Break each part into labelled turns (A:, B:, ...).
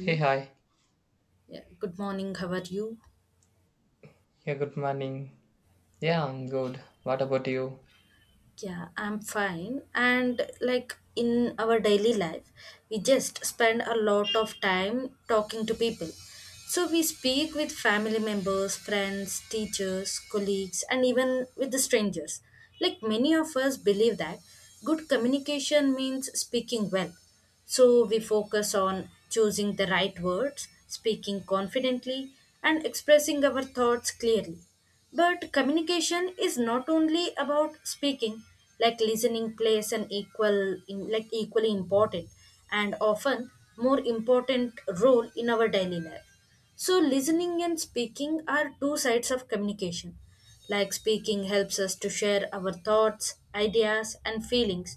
A: Hey, hi.
B: Yeah. Good morning. How are you?
A: Yeah, good morning. Yeah, I'm good. What about you?
B: Yeah, I'm fine. And like in our daily life, we just spend a lot of time talking to people. So we speak with family members, friends, teachers, colleagues, and even with the strangers. Like many of us believe that good communication means speaking well. So we focus on choosing the right words, speaking confidently, and expressing our thoughts clearly. But communication is not only about speaking, like listening plays an equal in, like equally important and often more important role in our daily life. So listening and speaking are two sides of communication. Like speaking helps us to share our thoughts, ideas and feelings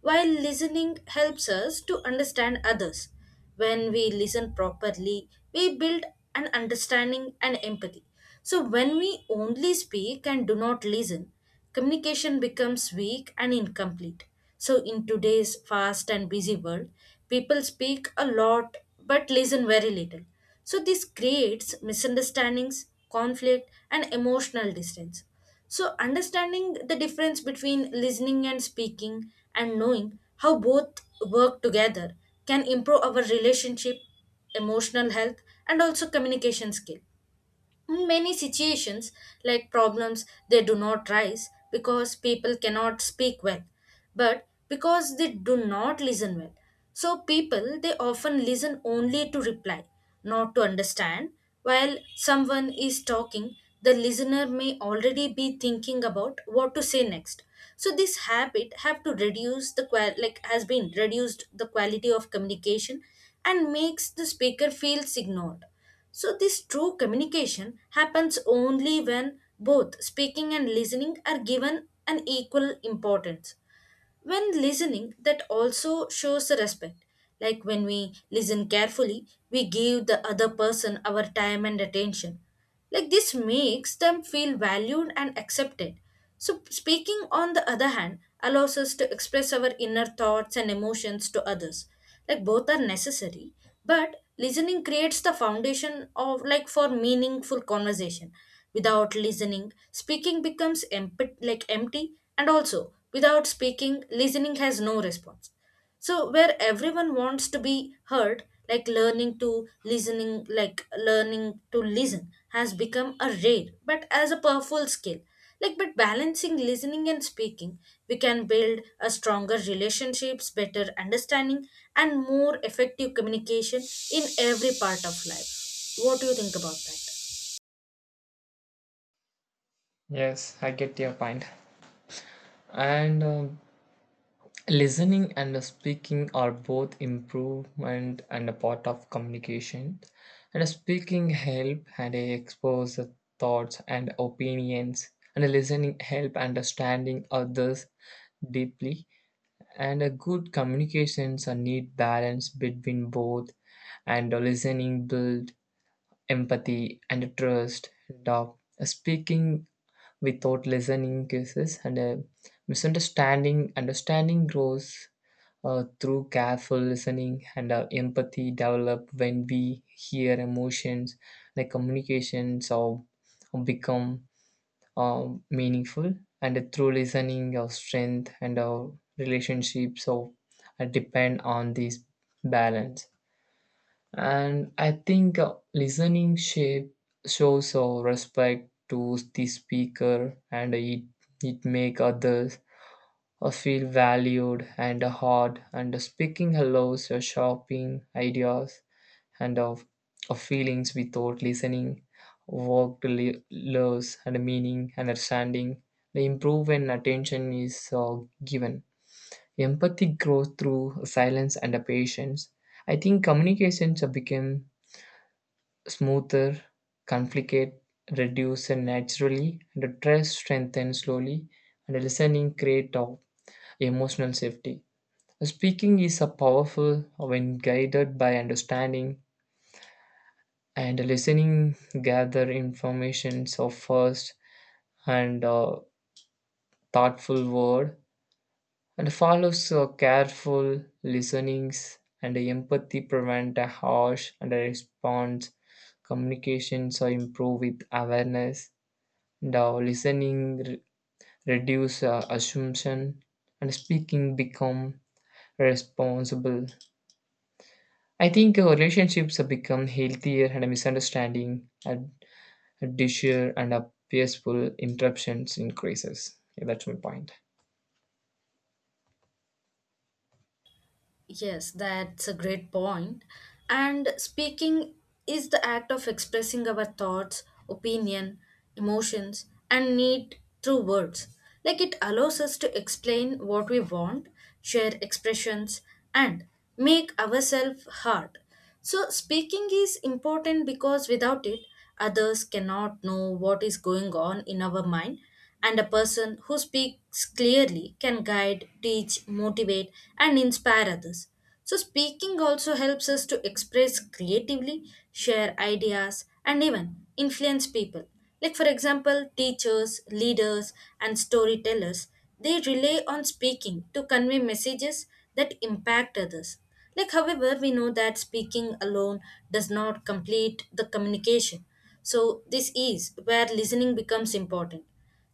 B: while listening helps us to understand others. When we listen properly, we build an understanding and empathy. So, when we only speak and do not listen, communication becomes weak and incomplete. So, in today's fast and busy world, people speak a lot but listen very little. So, this creates misunderstandings, conflict, and emotional distance. So, understanding the difference between listening and speaking and knowing how both work together can improve our relationship, emotional health, and also communication skill. In many situations, like problems, they do not rise because people cannot speak well, but because they do not listen well. So, people they often listen only to reply, not to understand. While someone is talking, the listener may already be thinking about what to say next. So, this habit have to reduce the qual like has been reduced the quality of communication and makes the speaker feels ignored. So, this true communication happens only when both speaking and listening are given an equal importance. When listening, that also shows the respect. Like when we listen carefully, we give the other person our time and attention. Like this makes them feel valued and accepted. So, speaking on the other hand allows us to express our inner thoughts and emotions to others. Like both are necessary, but listening creates the foundation of like for meaningful conversation. Without listening, speaking becomes empty, and also without speaking, listening has no response. So where everyone wants to be heard, like learning to listen has become a rare but as a powerful skill. Like but balancing listening and speaking, we can build a stronger relationships, better understanding, and more effective communication in every part of life. What do you think about that?
A: Yes, I get your point. And Listening and speaking are both improvement and a part of communication. And speaking help and expose the thoughts and opinions. And listening help understanding others deeply. And a good communications are need balance between both. And listening build empathy and trust, and speaking without listening cases and misunderstanding understanding grows through careful listening, and empathy develop when we hear emotions, like communications or become meaningful, and through listening our strength and our relationships so depend on this balance. And I think listening shape shows respect to the speaker, and it make others feel valued and heard. And speaking allows shopping ideas and of feelings without listening work loves and meaning, and understanding the improve when attention is given. Empathy grows through silence and patience. I think communications have become smoother, conflict reduce naturally, and trust strengthens slowly, and listening creates emotional safety. Speaking is a powerful when guided by understanding, and listening gather informations of first and thoughtful word, and follows careful listenings, and empathy prevent a harsh and a response. Communications are improved with awareness. Now, reduce assumption, and speaking become responsible. I think relationships have become healthier, and a misunderstanding, a disher, and a peaceful interruptions increases. Yeah, that's my point.
B: Yes, that's a great point. And speaking is the act of expressing our thoughts, opinion, emotions, and need through words. Like it allows us to explain what we want, share expressions, and make ourselves heard. So, speaking is important because without it, others cannot know what is going on in our mind, and a person who speaks clearly can guide, teach, motivate, and inspire others. So, speaking also helps us to express creatively, share ideas, and even influence people. Like, for example, teachers, leaders, and storytellers, they rely on speaking to convey messages that impact others. Like, however, we know that speaking alone does not complete the communication. So, this is where listening becomes important.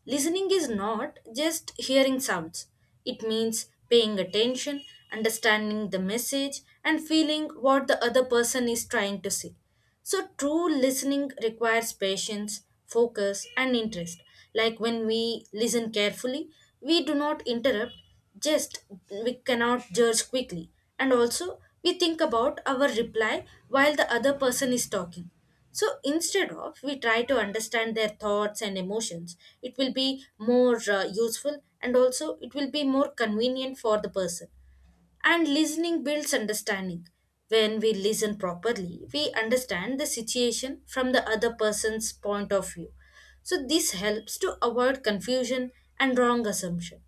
B: Listening is not just hearing sounds, it means paying attention, understanding the message, and feeling what the other person is trying to say. So, true listening requires patience, focus, and interest. Like when we listen carefully, we do not interrupt, just we cannot judge quickly, and also we think about our reply while the other person is talking. So instead of we try to understand their thoughts and emotions, it will be more useful, and also it will be more convenient for the person, and listening builds understanding. When we listen properly, we understand the situation from the other person's point of view. So, this helps to avoid confusion and wrong assumption.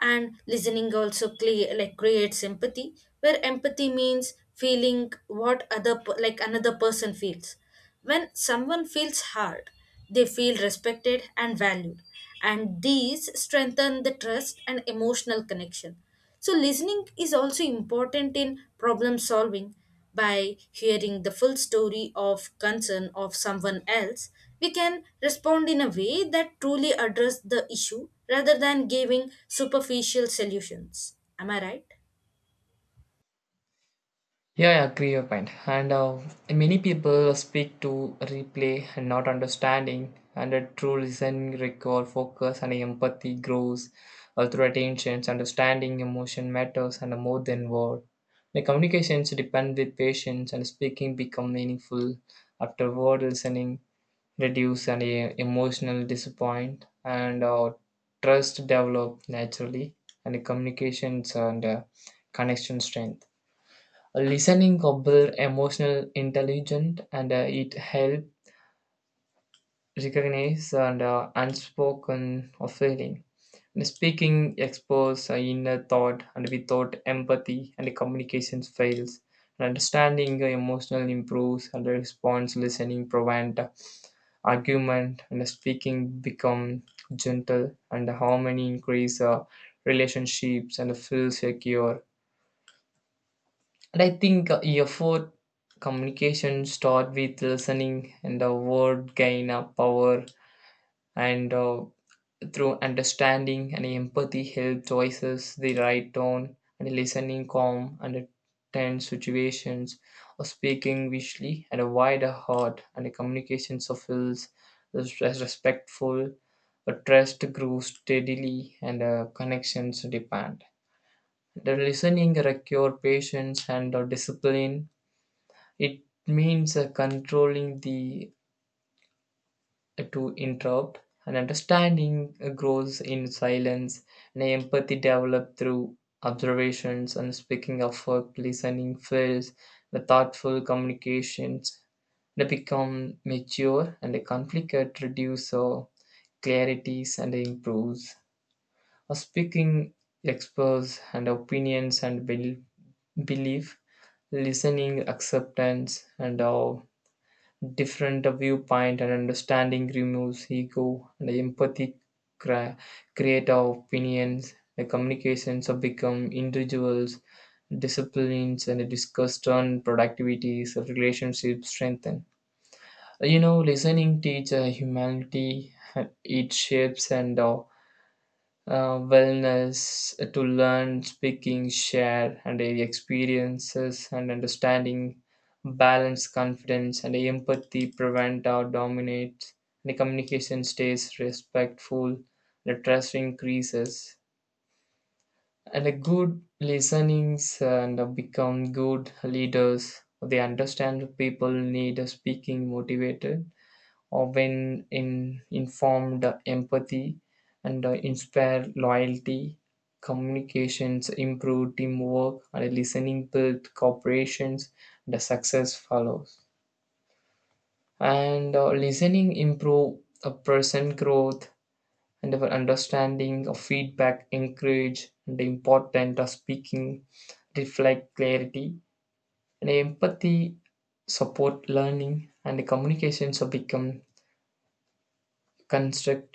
B: And listening also creates empathy, where empathy means feeling what other per- like another person feels. When someone feels hard, they feel respected and valued, and these strengthen the trust and emotional connection. So, listening is also important in problem solving. By hearing the full story of concern of someone else, we can respond in a way that truly address the issue rather than giving superficial solutions. Am I right?
A: Yeah, I agree your point. And Many people speak to replay and not understanding, and a true listening require focus, and empathy grows through attention, understanding emotion matters, and more than word. The communications depend with patience, and speaking become meaningful after word. Listening reduce any emotional disappoint, and trust develop naturally, and the communications and connection strength. Listening compel emotional intelligent, and it help recognize and unspoken of feeling. And speaking expose inner thought, and without empathy and communication fails. And understanding emotional improves and response listening prevent argument, and speaking become gentle, and harmony increase relationships and feel secure. And I think effort communication start with listening, and the word gain a power, and through understanding and empathy help choices the right tone, and listening calm and tense situations or speaking visually and a wider heart, and the communication fulfils, is as respectful. A trust grows steadily, and connections depend the listening require patience and discipline. It means controlling the to interrupt, and understanding grows in silence, and empathy developed through observations, and speaking of work, listening fills the thoughtful communications. They become mature, and the conflict reduces or clarities and improves. A speaking explores and opinions and belief, listening acceptance and different viewpoint, and understanding removes ego, and empathy cra- create our opinions. The communications have become individuals disciplines, and the discuss turn productivities. The relationships strengthen. You know, listening teach humanity it shapes and wellness to learn speaking share and experiences and understanding balance confidence, and empathy prevent or dominate. The communication stays respectful, the trust increases, and a good listenings and become good leaders. They understand people need a speaking motivated or when in informed empathy, and inspire loyalty. Communications improve teamwork, and listening build cooperations. The success follows, and listening improve a person growth, and our understanding of feedback encourage, and the important of speaking reflect clarity, and empathy support learning, and the communications have become constructive,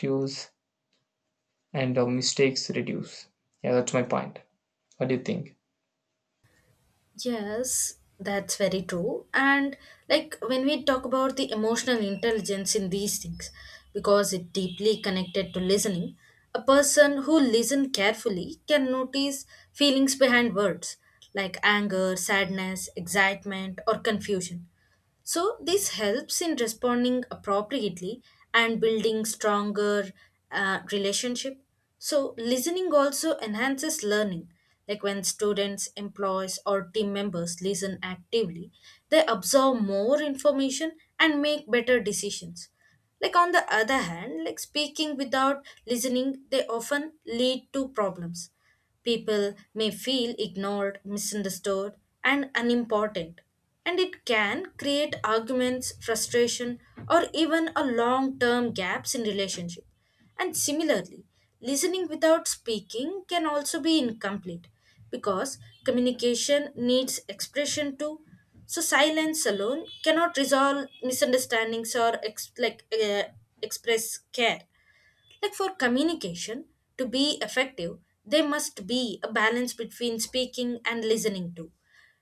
A: and our mistakes reduce. Yeah, that's my point. What do you think?
B: Yes, that's very true. And like when we talk about the emotional intelligence in these things, because it deeply connected to listening, a person who listen carefully can notice feelings behind words like anger, sadness, excitement, or confusion. So, this helps in responding appropriately and building stronger relationship. So, listening also enhances learning. Like when students, employees, or team members listen actively, they absorb more information and make better decisions. Like on the other hand, like speaking without listening, they often lead to problems. People may feel ignored, misunderstood, and unimportant, and it can create arguments, frustration, or even a long term gaps in relationship. And similarly, listening without speaking can also be incomplete because communication needs expression too. So silence alone cannot resolve misunderstandings or express care. Like for communication to be effective, there must be a balance between speaking and listening too.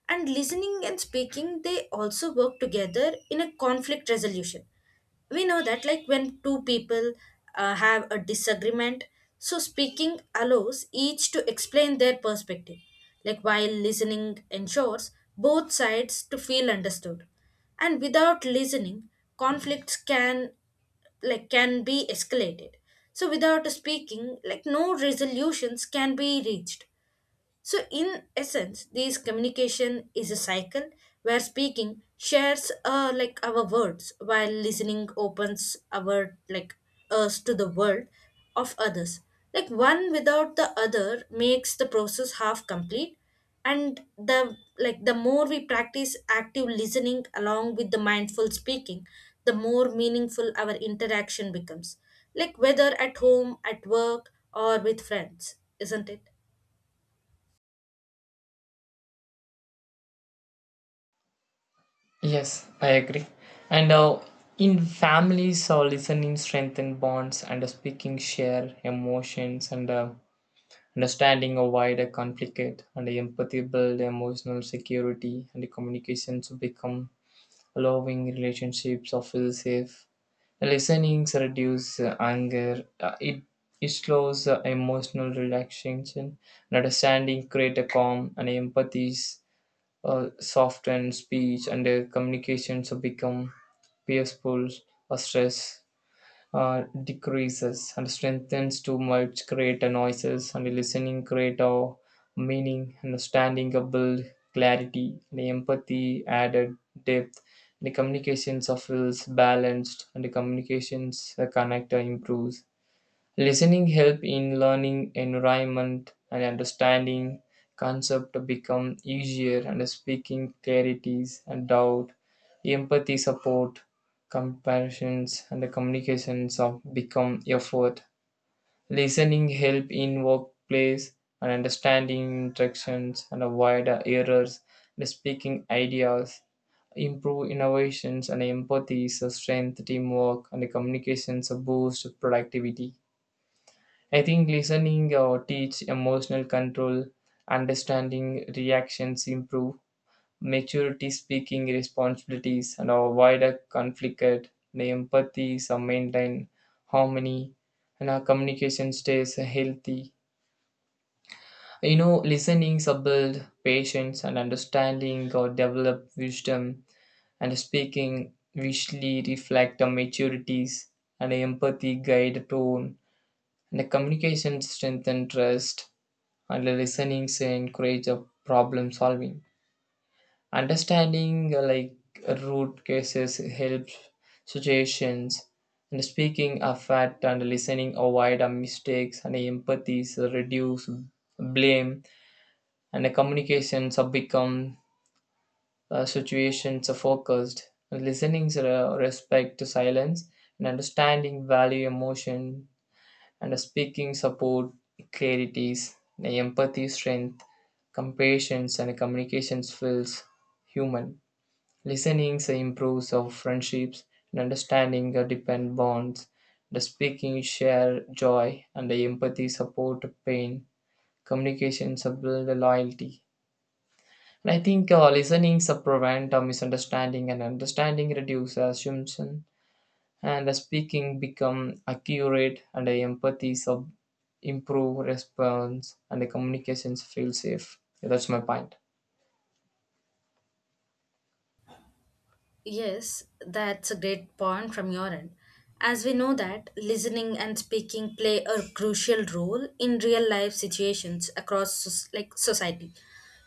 B: And listening and speaking, they also work together in a conflict resolution. We know that like when two people have a disagreement, so speaking allows each to explain their perspective, like while listening ensures both sides to feel understood. And without listening, conflicts can can be escalated, so without speaking, like no resolutions can be reached. So, in essence, this communication is a cycle where speaking shares like our words, while listening opens our like us to the world of others. Like one without the other makes the process half complete, and the like the more we practice active listening along with the mindful speaking, the more meaningful our interaction becomes. Like whether at home, at work, or with friends, isn't it?
A: Yes, I agree. And In families, listening strengthen bonds, and speaking share emotions, and understanding a wider conflict, and empathy build emotional security, and the communications become allowing relationships of feel safe. Listening reduces anger. It it slows emotional relaxation. And understanding creates a calm, and empathies soften speech, and communications become peaceful or stress uh, decreases and strengthens too much create a noises, and listening create a meaning, and standing up build clarity, and empathy added depth, and the communications of wills balanced, and the communications connector improves. Listening help in learning environment, and understanding concept become easier, and speaking clarities and doubt, empathy support, comparisons, and the communications of become effort. Listening help in workplace, and understanding interactions and avoid errors, and speaking ideas improve innovations, and empathy, strength, teamwork, and the communications boost productivity. I think listening teach emotional control, understanding reactions improve, maturity speaking responsibilities and avoid a conflict, the empathy some maintain harmony, and our communication stays healthy. You know, listening build patience, and understanding or develop wisdom, and speaking visually reflect the maturities, and empathy guide tone, and the communication strengthen trust, and listening encourage a problem solving understanding like root cases helps situations, and speaking a fact, and listening avoid a mistakes, and empathies reduce blame, and the communications have become situations are focused. Listening's respect to silence, and understanding value emotion, and a speaking support clarities, the empathy strength, compassion, and communication feels human. Listening improves our friendships, and understanding our depend bonds. The speaking share joy, and the empathy support pain. Communication build loyalty. And I think listening prevent a misunderstanding, and understanding reduce assumption, and the speaking become accurate, and the empathy sub improve response, and the communications feel safe. Yeah, that's my point.
B: Yes, that's a great point from your end. As we know that listening and speaking play a crucial role in real life situations across society.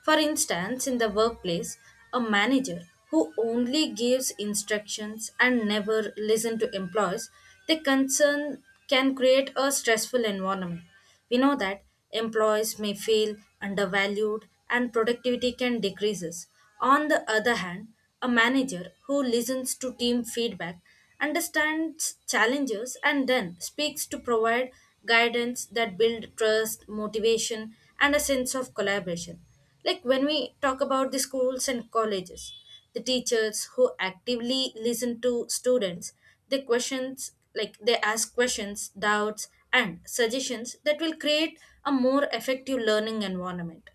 B: For instance, in the workplace, a manager who only gives instructions and never listen to employees, their concern can create a stressful environment. We know that employees may feel undervalued and productivity can decreases. On the other hand, a manager who listens to team feedback understands challenges and then speaks to provide guidance that build trust, motivation and a sense of collaboration. Like when we talk about the schools and colleges, the teachers who actively listen to students, they ask questions, doubts, and suggestions that will create a more effective learning environment.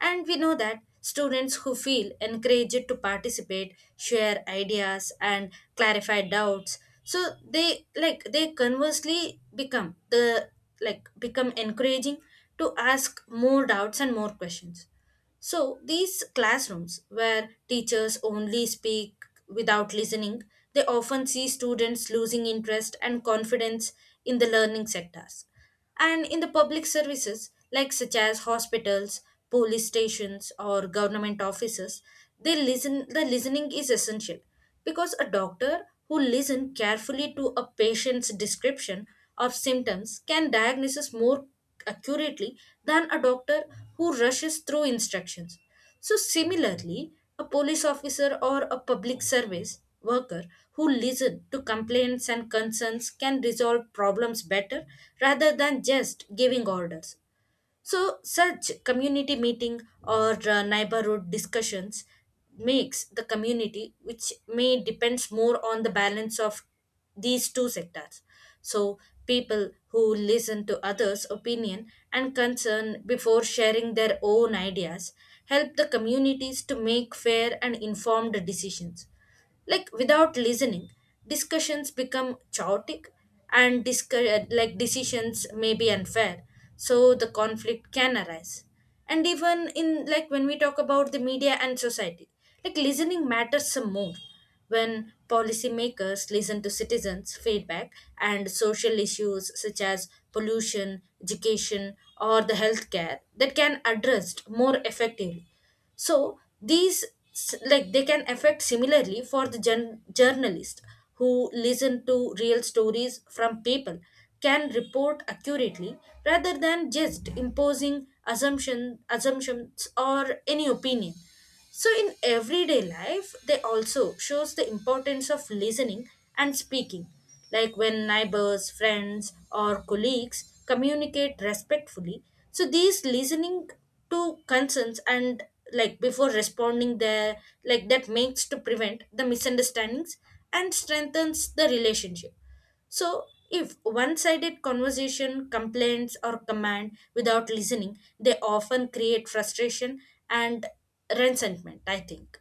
B: And we know that students who feel encouraged to participate share ideas and clarify doubts. So they like they conversely become the like become encouraging to ask more doubts and more questions. So, these classrooms where teachers only speak without listening, they often see students losing interest and confidence in the learning sectors. And in the public services, like such as hospitals, police stations, or government offices, they listen, the listening is essential because a doctor who listens carefully to a patient's description of symptoms can diagnose more accurately than a doctor who rushes through instructions. So, similarly, a police officer or a public service worker who listens to complaints and concerns can resolve problems better rather than just giving orders. So such community meeting or neighborhood discussions makes the community which may depends more on the balance of these two sectors. So people who listen to others' opinion and concern before sharing their own ideas help the communities to make fair and informed decisions. Like without listening, discussions become chaotic and decisions may be unfair. So the conflict can arise. And even in like when we talk about the media and society, like listening matters some more when policymakers listen to citizens' feedback and social issues such as pollution, education, or the healthcare that can addressed more effectively. So these they can affect similarly for the journalist who listen to real stories from people can report accurately rather than just imposing assumptions or any opinion. So in everyday life, they also shows the importance of listening and speaking. Like when neighbors, friends, or colleagues communicate respectfully. So these listening to concerns and like before responding there, like that makes to prevent the misunderstandings and strengthens the relationship. So, if one sided conversation, complaints, or command without listening, they often create frustration and resentment, I think.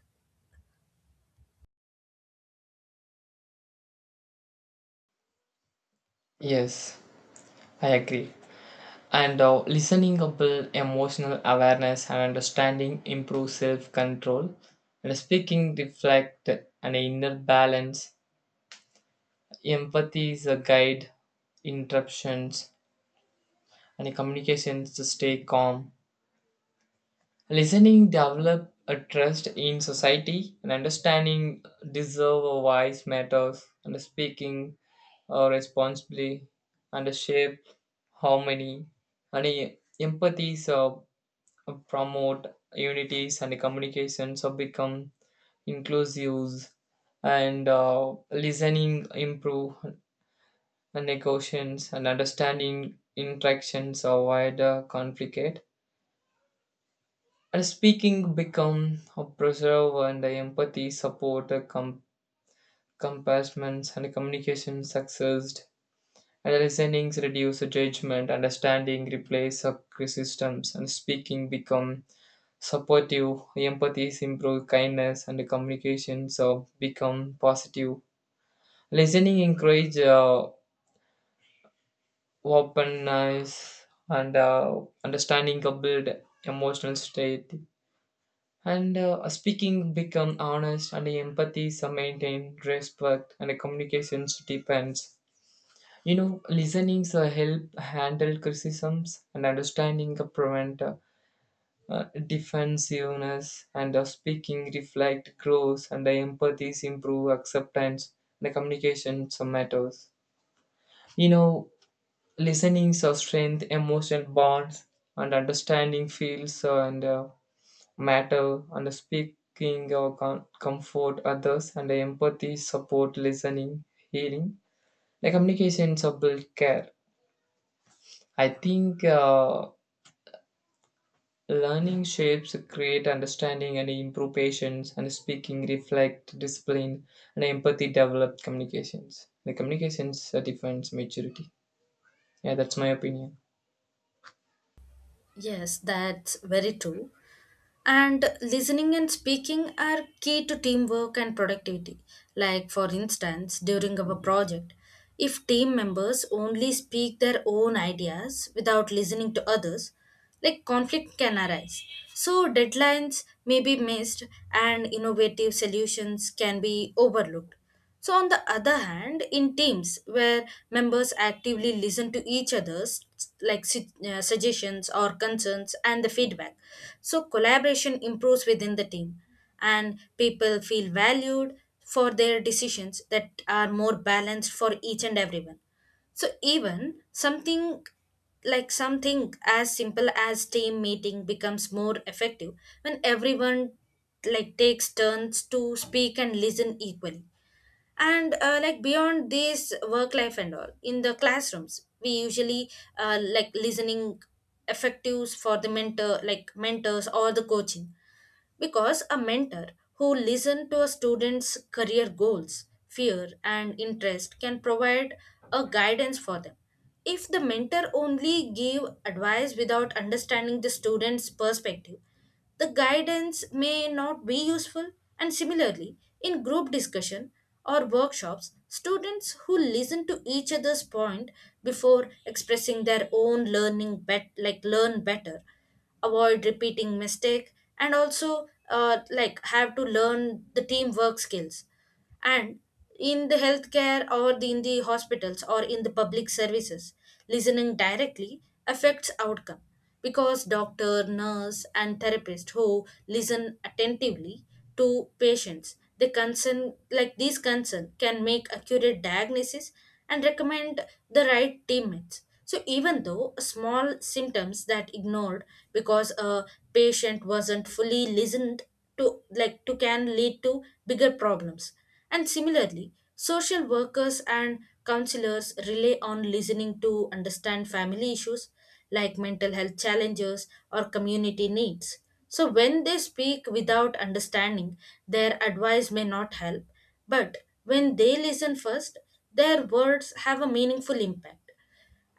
A: Yes, I agree. And listening up build emotional awareness, and understanding improve self-control, and speaking reflect an inner balance, empathy is a guide interruptions, and communications to stay calm. Listening develop a trust in society, and understanding deserve a wise matters, and speaking responsibly and shape harmony, and empathy so promote unities, and communications so become inclusive, and listening improve negotiations, and understanding interactions avoid conflict. And speaking become a preserve, and empathy support compassments, and communication success, and listening reduce judgment, understanding replace systems, and speaking become supportive, empathy improve kindness, and communication so become positive. Listening encourage openness, and understanding build emotional state. And speaking become honest, and empathy is maintained, respect, and communications depends. You know, listening help handle criticisms, and understanding prevent defensiveness, and speaking reflect growth, and the empathies improve acceptance, and the communication matters. You know, listening strength, emotion bonds, and understanding feels and matter, and speaking or comfort others, and empathy support listening healing, the communication support care. I think learning shapes create understanding and improve patience, and speaking reflect discipline, and empathy develop communications, the communications defines maturity. Yeah, that's my opinion.
B: Yes, that's very true. And listening and speaking are key to teamwork and productivity. Like, for instance, during our project, if team members only speak their own ideas without listening to others, like conflict can arise. So, deadlines may be missed and innovative solutions can be overlooked. So, on the other hand, in teams where members actively listen to each other's suggestions or concerns and the feedback, so collaboration improves within the team, and people feel valued for their decisions that are more balanced for each and everyone. So even something like something as simple as team meeting becomes more effective when everyone like takes turns to speak and listen equally. And like beyond this work life and all in the classrooms we usually like listening effectives for the mentor like mentors or the coaching, because a mentor who listens to a student's career goals, fear, and interest can provide a guidance for them. If the mentor only give advice without understanding the student's perspective, the guidance may not be useful. And similarly, in group discussion or workshops, students who listen to each other's point before expressing their own learn better, avoid repeating mistake, and also like have to learn the teamwork skills. And in the healthcare or the, in the hospitals or in the public services, listening directly affects outcome because doctor nurse and therapist who listen attentively to patients. The concern, like these concern, can make accurate diagnosis and recommend the right treatments. So even though small symptoms that ignored because a patient wasn't fully listened to, can lead to bigger problems. And similarly, social workers and counselors rely on listening to understand family issues like mental health challenges or community needs. So, when they speak without understanding, their advice may not help, but when they listen first, their words have a meaningful impact.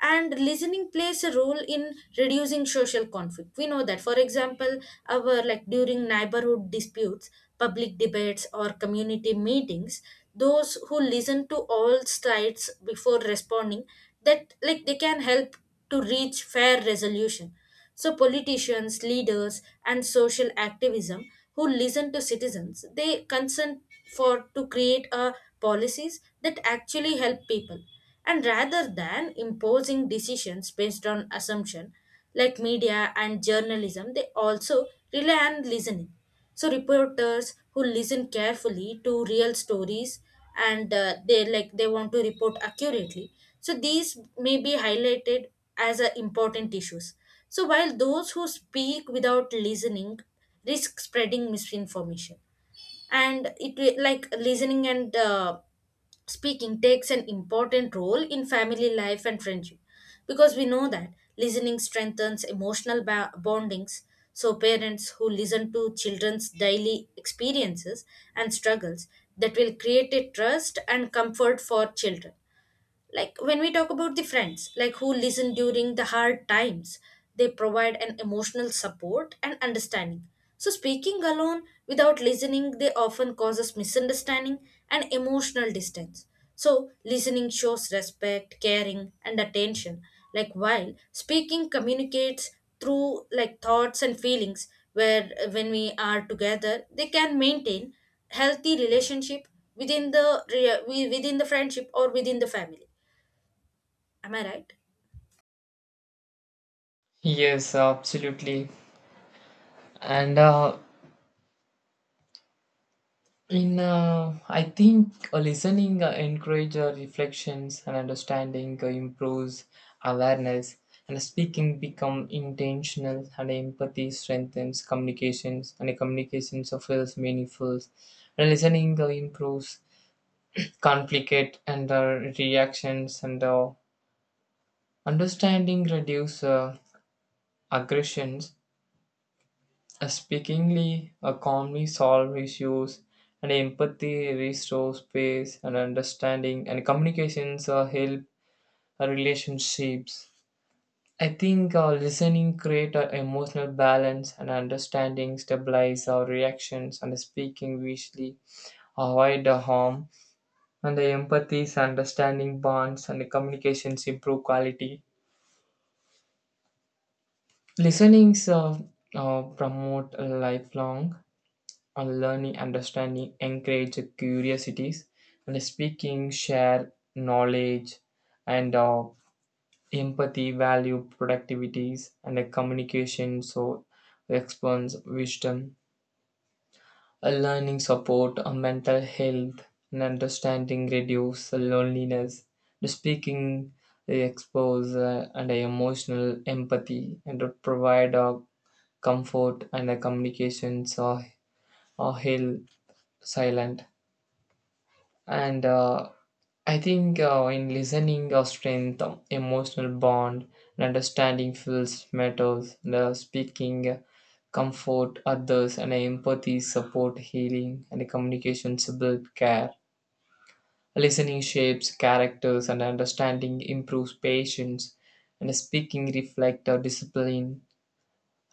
B: And listening plays a role in reducing social conflict. We know that for example our like during neighborhood disputes, public debates or community meetings, those who listen to all sides before responding, that like they can help to reach fair resolution. So politicians, leaders, and social activism who listen to citizens, they consent for to create a policies that actually help people. And rather than imposing decisions based on assumption, like media and journalism, they also rely on listening. So reporters who listen carefully to real stories and they like they want to report accurately, so these may be highlighted as important issues. So while those who speak without listening risk spreading misinformation. And it like listening and speaking takes an important role in family life and friendship, because we know that listening strengthens emotional bondings. So parents who listen to children's daily experiences and struggles, that will create a trust and comfort for children. Like when we talk about the friends like who listen during the hard times, they provide an emotional support and understanding. So speaking alone without listening they often causes misunderstanding and emotional distance. So listening shows respect caring and attention, like while speaking communicates through like thoughts and feelings. Where when we are together they can maintain healthy relationship within the within the friendship or within the family. Am I right?
A: Yes, absolutely. And In I think listening encourages reflections, and understanding improves awareness, and speaking become intentional, and empathy strengthens communications, and communications feels meaningful, and listening improves conflict and reactions, and understanding reduce aggressions. Speakingly, a calmly solve issues, and empathy restores space, and understanding and communications help relationships. I think listening create an emotional balance, and understanding stabilize our reactions, and speaking wisely avoid the harm, and the empathy is understanding bonds, and the communications improve quality. Listenings promote a lifelong and learning understanding encourage curiosities, and speaking share knowledge, and empathy value productivities, and communication so expands wisdom, a learning support a mental health, and understanding reduce loneliness, the speaking they expose and a emotional empathy, and to provide a comfort, and a communications or heal silent, and I think in listening our strength emotional bond, and understanding feels matters, and speaking comfort others, and empathy support healing, and communication build care. Listening shapes characters, and understanding improves patience, and speaking reflect our discipline.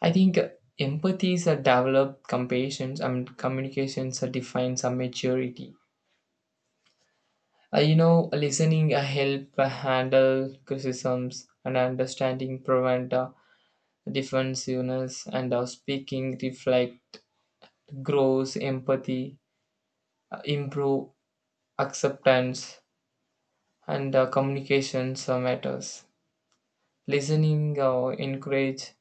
A: I think empathy is a developed compassion, and communications are defines our maturity. You know, listening help handle criticisms, and understanding prevent defensiveness, and speaking reflect grows empathy, improve acceptance, and communication matters. Listening encourage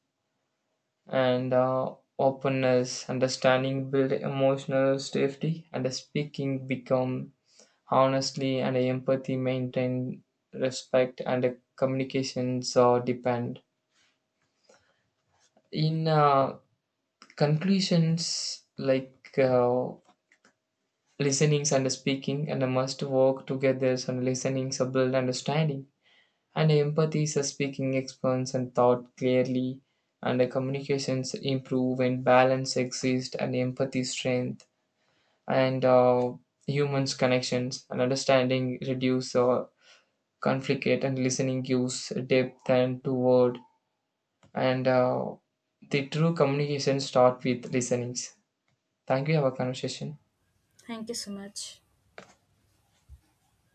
A: and openness, understanding build emotional safety, and speaking become honestly, and empathy maintain respect, and communications or depend. In conclusions, listenings and speaking, and must work together, and listening to build understanding. And empathy is a speaking expands and thought clearly, and the communications improve when balance exist, and empathy strength, and humans connections, and understanding reduce conflict, and listening gives depth and to word, and the true communication start with listenings. Thank you. Have a conversation.
B: Thank you so much.